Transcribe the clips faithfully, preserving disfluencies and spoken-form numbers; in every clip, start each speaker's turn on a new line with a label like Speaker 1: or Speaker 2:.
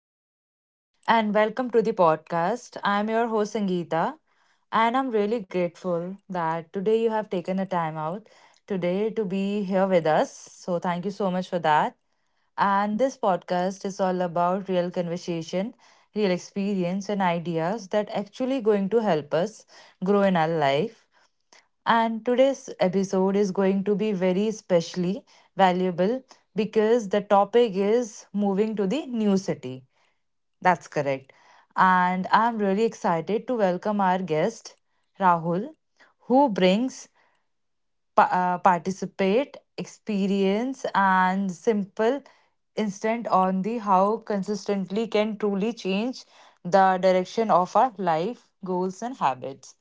Speaker 1: everyone, and welcome to the podcast. I'm your host, Sangeeta, and I'm really grateful that today you have taken a time out today to be here with us. So, thank you so much for that. And this podcast is all about real conversation, real experience, and ideas that actually going to help us grow in our life. And today's episode is going to be very specially valuable because the topic is moving to the new city. That's correct. And I'm really excited to welcome our guest, Rahul, who brings pa- uh, participate, experience, and simple instant on the how consistently can truly change the direction of our life, goals, and habits.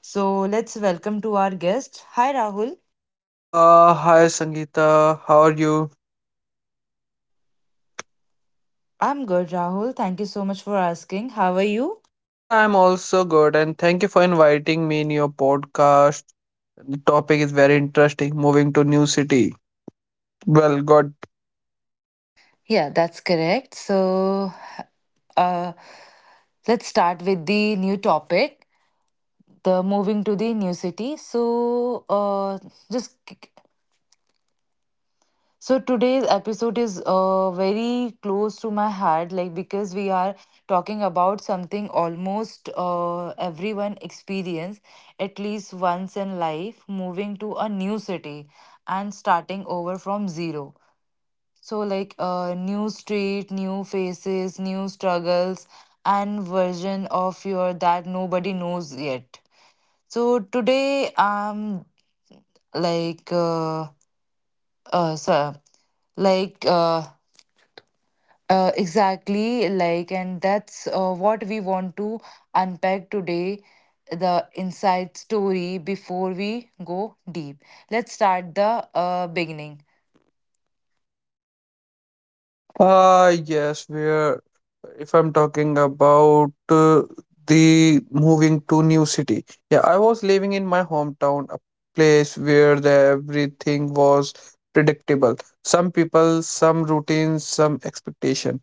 Speaker 1: So let's welcome to our guest. Hi, Rahul.
Speaker 2: Uh, hi Sangeeta, how are you?
Speaker 1: I'm good, Rahul. Thank you so much for asking. How are you?
Speaker 2: Yeah, I'm also good, and thank you for inviting me in your podcast. The topic is very interesting. Moving to new city. Well, God.
Speaker 1: Yeah, that's correct. So, uh, let's start with the new topic, the moving to the new city. So, uh, just so today's episode is uh, very close to my heart, like because we are talking about something almost uh, everyone experience at least once in life, moving to a new city and starting over from zero. So, like uh, new street, new faces, new struggles, and version of your that nobody knows yet. So today I'm like uh, uh so like uh, uh exactly like and that's uh, what we want to unpack today, the inside story. Before we go deep, let's start the uh, beginning.
Speaker 2: Uh, yes, we're. If I'm talking about uh, the moving to new city, yeah, I was living in my hometown, a place where the everything was predictable. Some people, some routines, some expectation.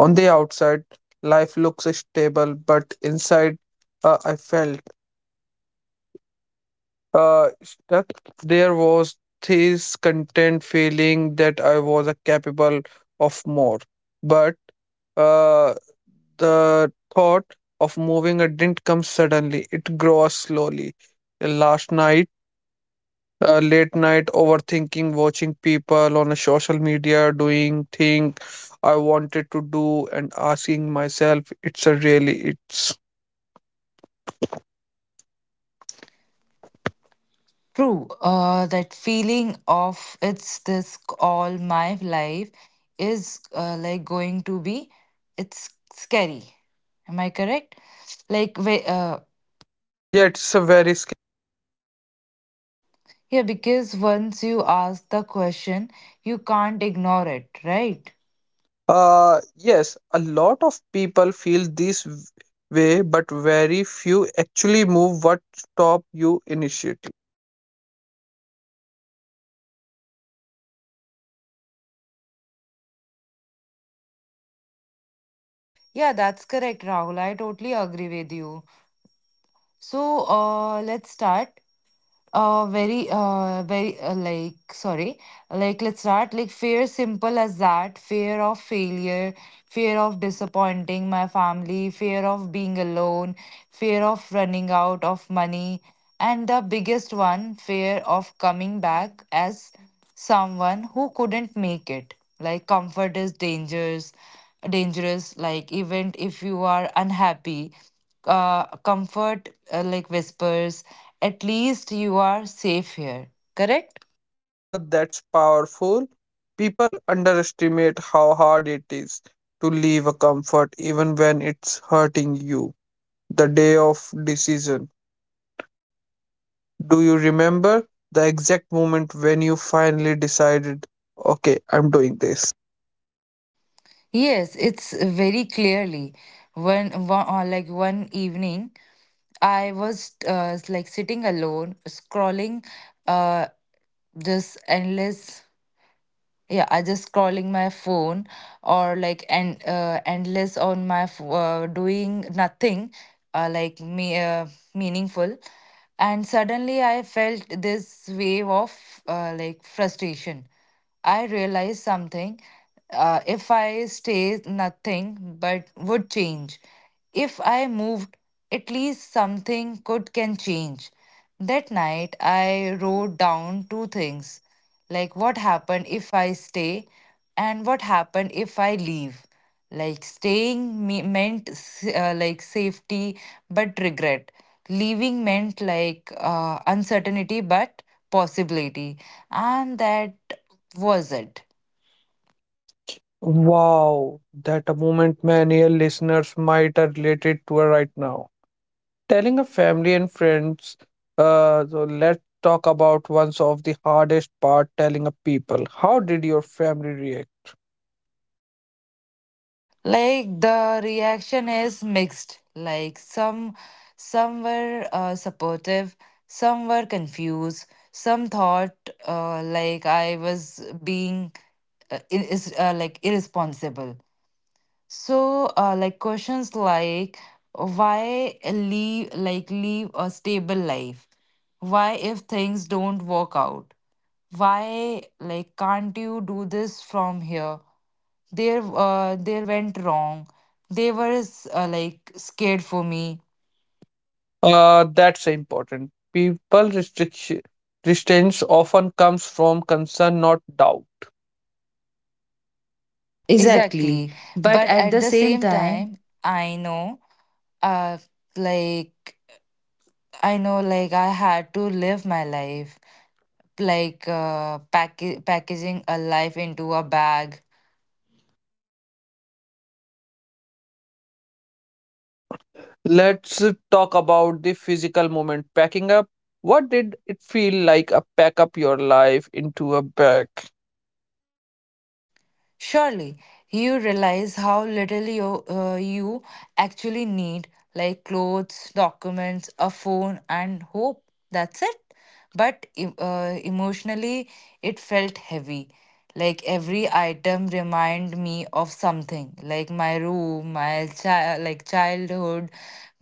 Speaker 2: On the outside, life looks stable, but inside, uh, I felt uh, stuck. There was this content feeling that I was uh, capable of more, but uh, the thought of moving uh, didn't come suddenly. It grew slowly. Last night. Uh, late night overthinking, watching people on a social media doing thing I wanted to do, and asking myself, it's a really, it's
Speaker 1: True, uh, that feeling of it's this all my life is uh, like going to be, it's scary. Am I correct? Like, wh- uh,
Speaker 2: yeah, it's a very sc-
Speaker 1: yeah, because once you ask the question, you can't ignore it, right?
Speaker 2: uh yes, a lot of people feel this w- way, but very few actually move what stop you initiative.
Speaker 1: Yeah, that's correct, Rahul. I totally agree with you. So, uh, let's start. Uh, very, uh, very, uh, like, sorry, like, let's start. Like, fear simple as that, fear of failure, fear of disappointing my family, fear of being alone, fear of running out of money, and the biggest one, fear of coming back as someone who couldn't make it. Like comfort is dangerous, dangerous. Like even if you are unhappy, uh, comfort uh, like whispers, at least you are safe here. Correct?
Speaker 2: Ah, that's powerful. People underestimate how hard it is to leave a comfort even when it's hurting you the day of decision. Do you remember the exact moment when you finally decided, okay, I'm doing this?
Speaker 1: Yes, it's very clearly. When one, uh, like one evening, I was uh, like sitting alone, scrolling uh, this endless, yeah, I just scrolling my phone or like, and uh, endless on my ph- uh, doing nothing, uh, like me uh, meaningful. And suddenly I felt this wave of uh, like frustration. I realized something: uh, if I stay, nothing but would change. If I moved, at least something could can change. That night I wrote down two things, like what happened if I stay and what happened if I leave. Like staying me- meant uh, like safety but regret. Leaving meant like uh, uncertainty but possibility. And that was it.
Speaker 2: Wow, that a moment many listeners might are related to right now. Telling a family and friends, uh, so let's talk about one of the hardest part telling a people. How did your family react?
Speaker 1: Like the reaction is mixed. Like some some were uh, supportive, some were confused, some thought uh, like I was being uh, ir- is uh, like irresponsible. So uh, like questions like why leave, like leave a stable life, why if things don't work out, why like can't you do this from here, there uh, there went wrong. They were s- uh, like scared for me.
Speaker 2: Uh, that's important. People restriction restraints often comes from concern, not doubt. Exactly.
Speaker 1: Exactly,
Speaker 2: But
Speaker 1: but
Speaker 2: at
Speaker 1: at
Speaker 2: the
Speaker 1: the
Speaker 2: same
Speaker 1: same
Speaker 2: time,
Speaker 1: time I know, uh like I know like I had to live my life, like uh pack- packaging a life into a bag.
Speaker 2: let's talk about the physical moment packing up. What did it feel like a pack up your life into a bag?
Speaker 1: Surely you realize how little you, uh, you actually need, like clothes, documents, a phone, and hope. That's it. But e- uh, emotionally, it felt heavy. Like every item remind me of something, like my room, my child, like childhood,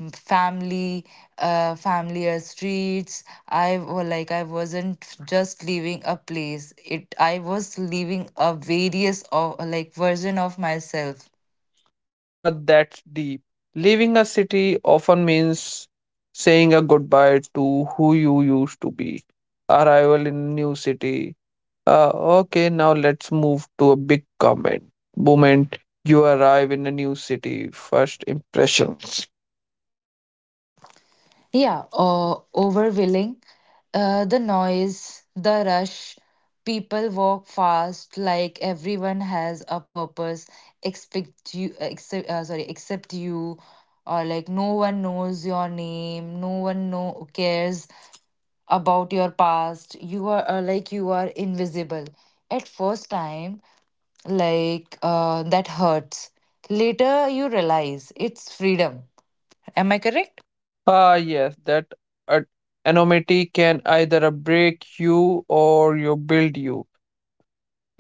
Speaker 1: m- family, uh, familiar streets. I wa- like I wasn't just leaving a place. It I was leaving a various of like version of myself.
Speaker 2: Ah, that's deep. Leaving a city often means saying a goodbye to who you used to be. Arrival in new city. Ah, okay, now let's move to a big comment. Moment you arrive in a new city, first impression.
Speaker 1: Yeah, uh, overwhelming. Uh, the noise, the rush. People walk fast, like everyone has a purpose. Expect you, except uh, sorry, except you, or like no one knows your name. No one know cares about your past. You are uh, like you are invisible. At first time, like uh, that hurts. Later, you realize it's freedom. Am I correct?
Speaker 2: Ah, yes, that uh, anonymity can either break you or you build you.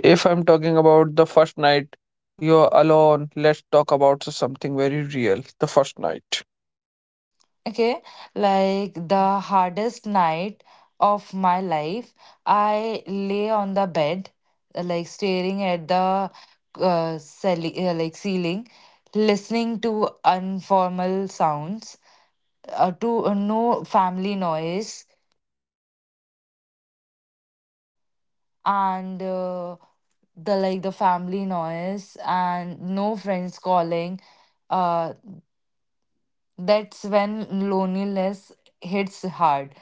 Speaker 2: If I'm talking about the first night, you're alone. Let's talk about something very real. The first night.
Speaker 1: Okay, like the hardest night of my life, I lay on the bed, uh, like staring at the uh, ceil- uh, like ceiling, listening to informal sounds, uh, to uh, no family noise, and uh, the like the family noise and no friends calling. Uh, that's when loneliness hits hard.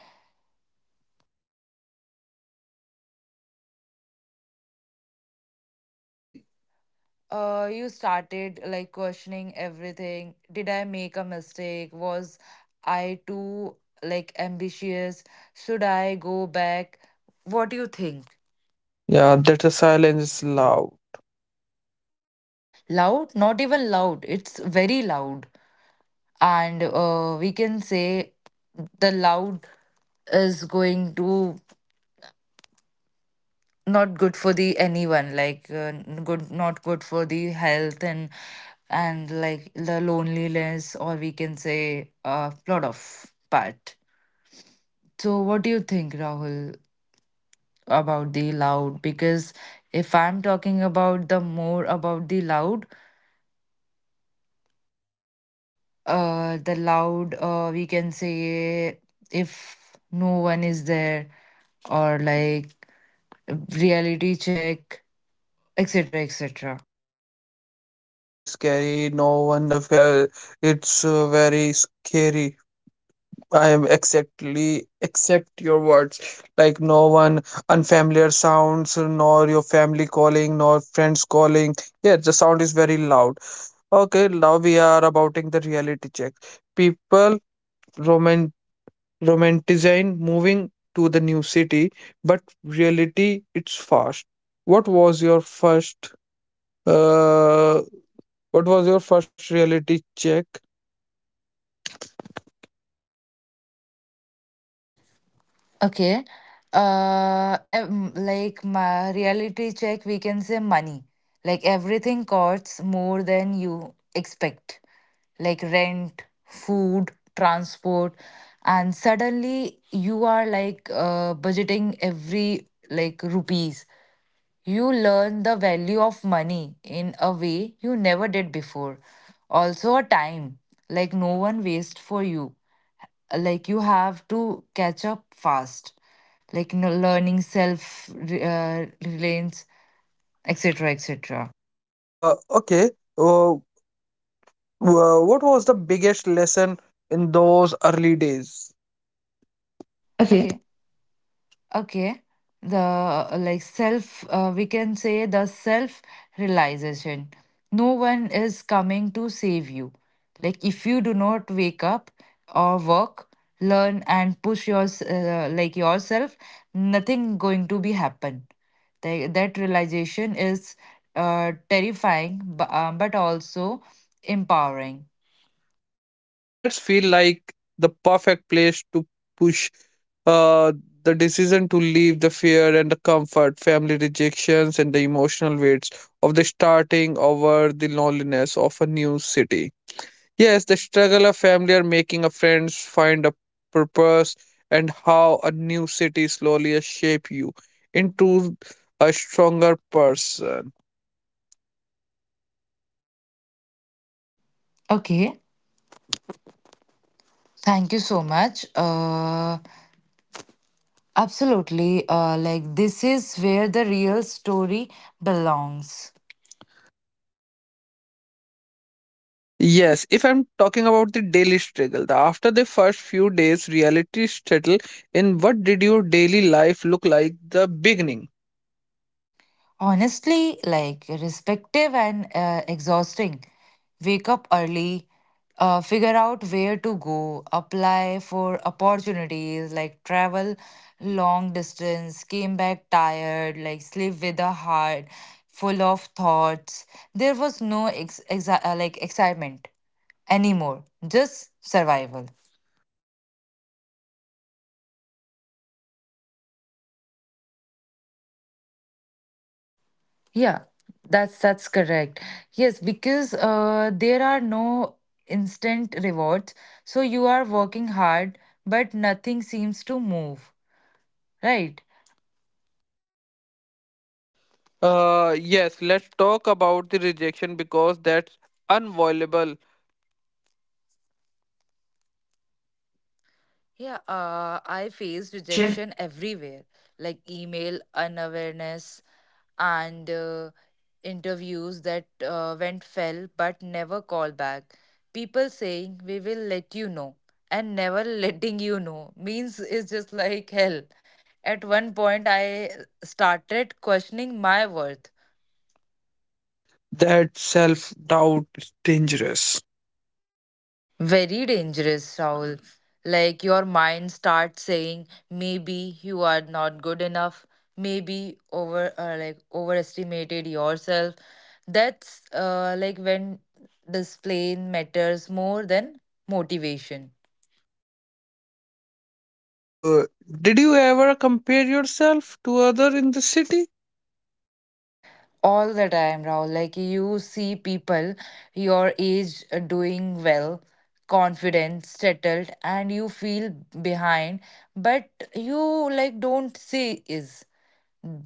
Speaker 1: Uh, you started like questioning everything. Did I make a mistake? Was I too like ambitious? Should I go back? What do you think?
Speaker 2: Yeah, that the silence is loud.
Speaker 1: Loud, not even loud, it's very loud. And uh, we can say the loud is going to not good for the anyone, like uh, n- good not good for the health, and and like the loneliness, or we can say a lot of part. So what do you think, Rahul, about the loud? Because if I'm talking about the more about the loud, uh, the loud, uh, we can say if no one is there or like reality check, etc., etc.
Speaker 2: Yes, it's a very scary. No one, of, uh, it's uh, very scary. I am exactly except your words. Like no one unfamiliar sounds, nor your family calling, nor friends calling. Yeah, the sound is very loud. Okay, now we are abouting the reality check. People roman romanticizing moving to the new city, but reality it's fast. What was your first uh what was your first reality check?
Speaker 1: Okay. Uh, em- like my reality check, we can say money. Like everything costs more than you expect, like rent, food, transport, and suddenly you are like uh, budgeting every like rupees. You learn the value of money in a way you never did before. Also, a time like no one waste for you. Like you have to catch up fast. Like no learning self uh, reliance, et cetera, et cetera.
Speaker 2: Uh okay. Uh, Wha- what was the biggest lesson in those early days? Okay.
Speaker 1: Okay. Okay. The uh, like self, uh, we can say the self realization. No one is coming to save you. Like if you do not wake up or work, learn and push your uh, like yourself, nothing going to be happen. Tha- that realization is uh, terrifying, but, um, but also empowering.
Speaker 2: Uh, That's feel like the perfect place to push, uh, the decision to leave the fear and the comfort, family rejections, and the emotional weights of the starting over the loneliness of a new city. Yes, the struggle of family or making a friends find a purpose and how a new city slowly shape you into a stronger person.
Speaker 1: Okay, thank you so much. Uh, Absolutely. Uh, like, this is where the real story belongs.
Speaker 2: Uh, yes, if I'm talking about the daily struggle, the after the first few days reality settle in what did your daily life look like the beginning?
Speaker 1: Honestly, like, respective and uh, exhausting. Wake up early, uh, figure out where to go, apply for opportunities, like, travel long distance, came back tired, like, sleep with a heart full of thoughts. There was no ex- exa- uh, like excitement anymore, just survival.
Speaker 2: Hey, yeah, the that's phase uh, break a lot of people. Yeah,
Speaker 1: Yeah,
Speaker 2: that's
Speaker 1: that's
Speaker 2: that's
Speaker 1: that's
Speaker 2: correct.
Speaker 1: correct.
Speaker 2: Yes,
Speaker 1: Yes,
Speaker 2: because
Speaker 1: because
Speaker 2: uh,
Speaker 1: uh,
Speaker 2: there
Speaker 1: there
Speaker 2: are
Speaker 1: are
Speaker 2: no
Speaker 1: no
Speaker 2: instant
Speaker 1: instant
Speaker 2: rewards.
Speaker 1: rewards,
Speaker 2: So
Speaker 1: so
Speaker 2: you
Speaker 1: you
Speaker 2: are
Speaker 1: are
Speaker 2: working
Speaker 1: working
Speaker 2: hard,
Speaker 1: hard,
Speaker 2: but
Speaker 1: but
Speaker 2: nothing
Speaker 1: nothing
Speaker 2: seems to
Speaker 1: seems to
Speaker 2: move,
Speaker 1: move,
Speaker 2: right?
Speaker 1: right?
Speaker 2: Uh,
Speaker 1: Uh,
Speaker 2: yes,
Speaker 1: yes,
Speaker 2: let's
Speaker 1: let's
Speaker 2: talk
Speaker 1: talk
Speaker 2: about the
Speaker 1: about the
Speaker 2: rejection
Speaker 1: rejection
Speaker 2: because
Speaker 1: because
Speaker 2: that's
Speaker 1: that's
Speaker 2: unavoidable.
Speaker 1: unavoidable.
Speaker 2: Yeah,
Speaker 1: Yeah,
Speaker 2: uh,
Speaker 1: uh,
Speaker 2: I
Speaker 1: I
Speaker 2: face
Speaker 1: faced
Speaker 2: rejection
Speaker 1: rejection
Speaker 2: everywhere,
Speaker 1: everywhere,
Speaker 2: like
Speaker 1: like
Speaker 2: email
Speaker 1: email
Speaker 2: unawareness
Speaker 1: unawareness
Speaker 2: and
Speaker 1: and
Speaker 2: uh,
Speaker 1: uh,
Speaker 2: interviews
Speaker 1: interviews
Speaker 2: that
Speaker 1: that
Speaker 2: uh,
Speaker 1: uh,
Speaker 2: went
Speaker 1: went
Speaker 2: fell
Speaker 1: fell
Speaker 2: but
Speaker 1: but
Speaker 2: never
Speaker 1: never
Speaker 2: called
Speaker 1: called
Speaker 2: back.
Speaker 1: back. People saying we will let you know and never letting you know means it's just like hell. At one point, I started questioning my worth.
Speaker 2: Uh, that self doubt is dangerous.
Speaker 1: Very dangerous, Rahul. Like your mind starts saying, maybe you are not good enough, maybe over uh, like overestimated yourself. That's uh, like when display matters more than motivation.
Speaker 2: Uh, did you ever compare yourself to other in the city?
Speaker 1: All the time, Rahul. Like you see people your age uh, doing well, confident, settled, and you feel behind, but you like don't see is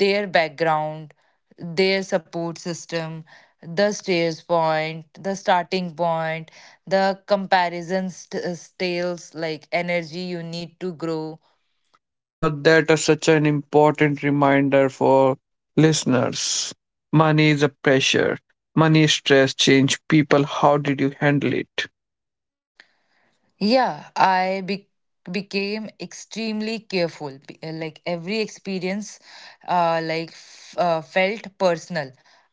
Speaker 1: their background, their support system, the stairs point, the starting point, the comparisons, st- uh, scales like energy you need to grow.
Speaker 2: Uh, that is such an important reminder for listeners. Money is a pressure. Money, stress, change people. How did you handle it?
Speaker 1: Yeah, I be became extremely careful. Be- uh, Like every experience, uh, like f uh, felt personal.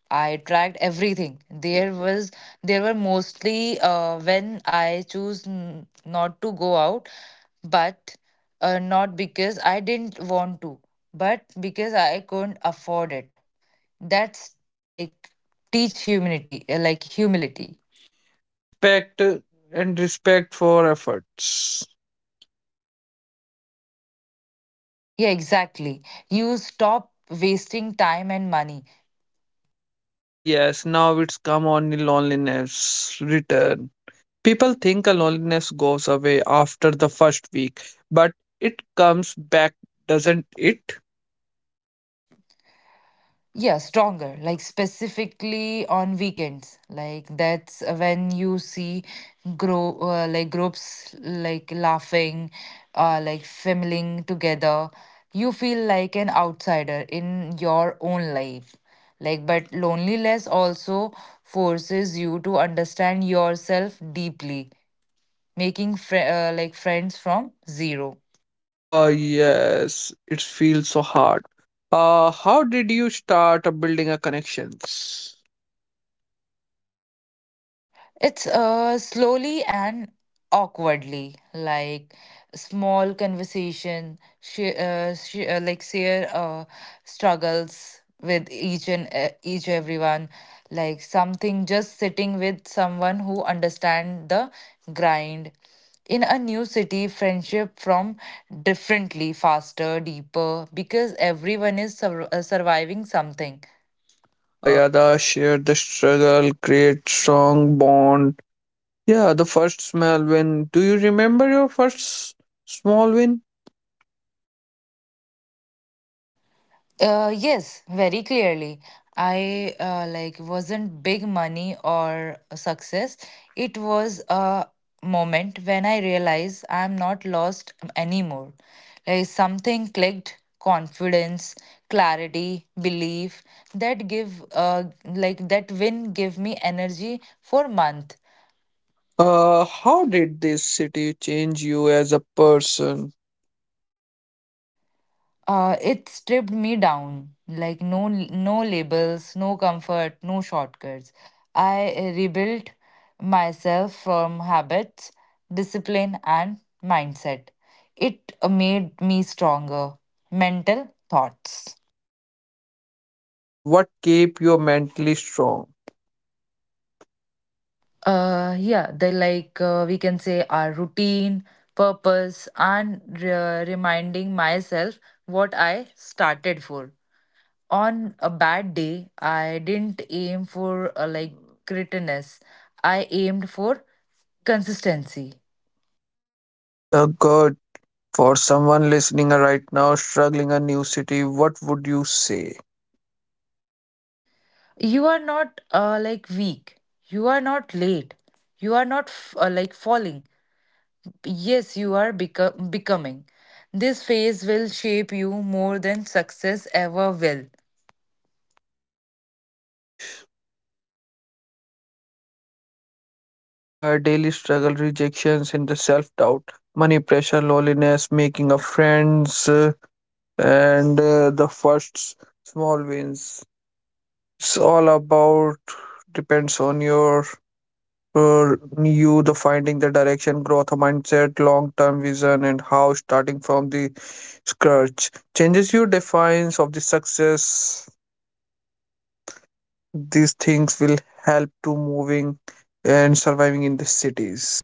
Speaker 1: I tracked everything. There was there were mostly uh, when I choose n not to go out, but uh, not because I didn't want to, but because I couldn't afford it. That's like teach humility, uh, like humility.
Speaker 2: And respect, and respect for efforts.
Speaker 1: Yeah, exactly. You stop wasting time and money.
Speaker 2: Ah, yes, now it's come on the loneliness return. People think a loneliness goes away after the first week, but it comes back, doesn't it?
Speaker 1: Yeah, stronger, like specifically on weekends. Like that's when you see grow uh, like groups like laughing, uh, like family together. You feel like an outsider in your own life. Like, but loneliness also forces you to understand yourself deeply, making fr- uh, like friends from zero.
Speaker 2: Ah, yes, it feels so hard. Uh how did you start building a connections?
Speaker 1: It's uh slowly and awkwardly, like small conversation, she, uh, she, uh, like share uh, struggles with each and uh, each everyone, like something just sitting with someone who understand the grind. In a new city, friendship from differently, faster, deeper, because everyone is sur- uh, surviving something.
Speaker 2: Ah, yeah,
Speaker 1: Uh,
Speaker 2: the share the struggle, create strong bond. Yeah, the first small win. Do you remember your first s- small win?
Speaker 1: Uh, yes, very clearly. I uh, like wasn't big money or success. It was a moment when I realized I'm not lost anymore. Like something clicked, confidence, clarity, belief that give uh like that win give me energy for month.
Speaker 2: Uh, how did this city change you as a person?
Speaker 1: Uh, it stripped me down. Like no no labels, no comfort, no shortcuts. I rebuilt myself from habits, discipline, and mindset. It made me stronger. Mental thoughts.
Speaker 2: Yes, what kept you mentally strong?
Speaker 1: Uh, yeah, they like uh, we can say our routine, purpose, and re- reminding myself what I started for. On a bad day, I didn't aim for uh, like grittiness. I aimed for consistency.
Speaker 2: Yeah, good. For someone listening right now, struggling a new city, what would you say?
Speaker 1: You are not uh, like weak. You are not late. You are not f- uh, like falling. Yes, you are beco- becoming. This phase will shape you more than success ever will.
Speaker 2: Uh, okay, that's a powerful statement. Uh, daily struggle, rejections, and the self doubt, money pressure, loneliness, making of friends. Uh, and uh, the first small wins. It's all about depends on your, uh, you the finding the direction, growth mindset, long term vision, and how starting from the scratch changes your defines of the success. These things will help to moving and surviving in the cities.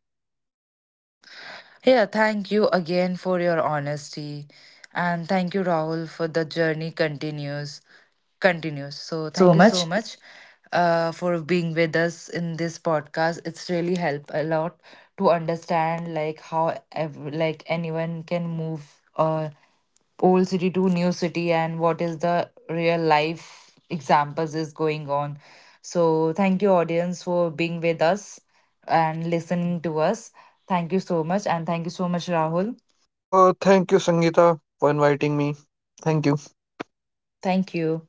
Speaker 1: Yeah, thank you again for your honesty. And thank you, Rahul, for the journey continues. Continues.
Speaker 2: Thank
Speaker 1: So
Speaker 2: you so
Speaker 1: thank you so
Speaker 2: much.
Speaker 1: much uh, for being with us in this podcast. It's really helped a lot to understand like how ev- like anyone can move uh, old city to new city and what is the real life examples is going on. So thank you, audience, for being with us and listening to us. Thank you so much, and thank you so much, Rahul.
Speaker 2: Oh, thank you, Sangeeta, for inviting me. Thank you.
Speaker 1: Thank you.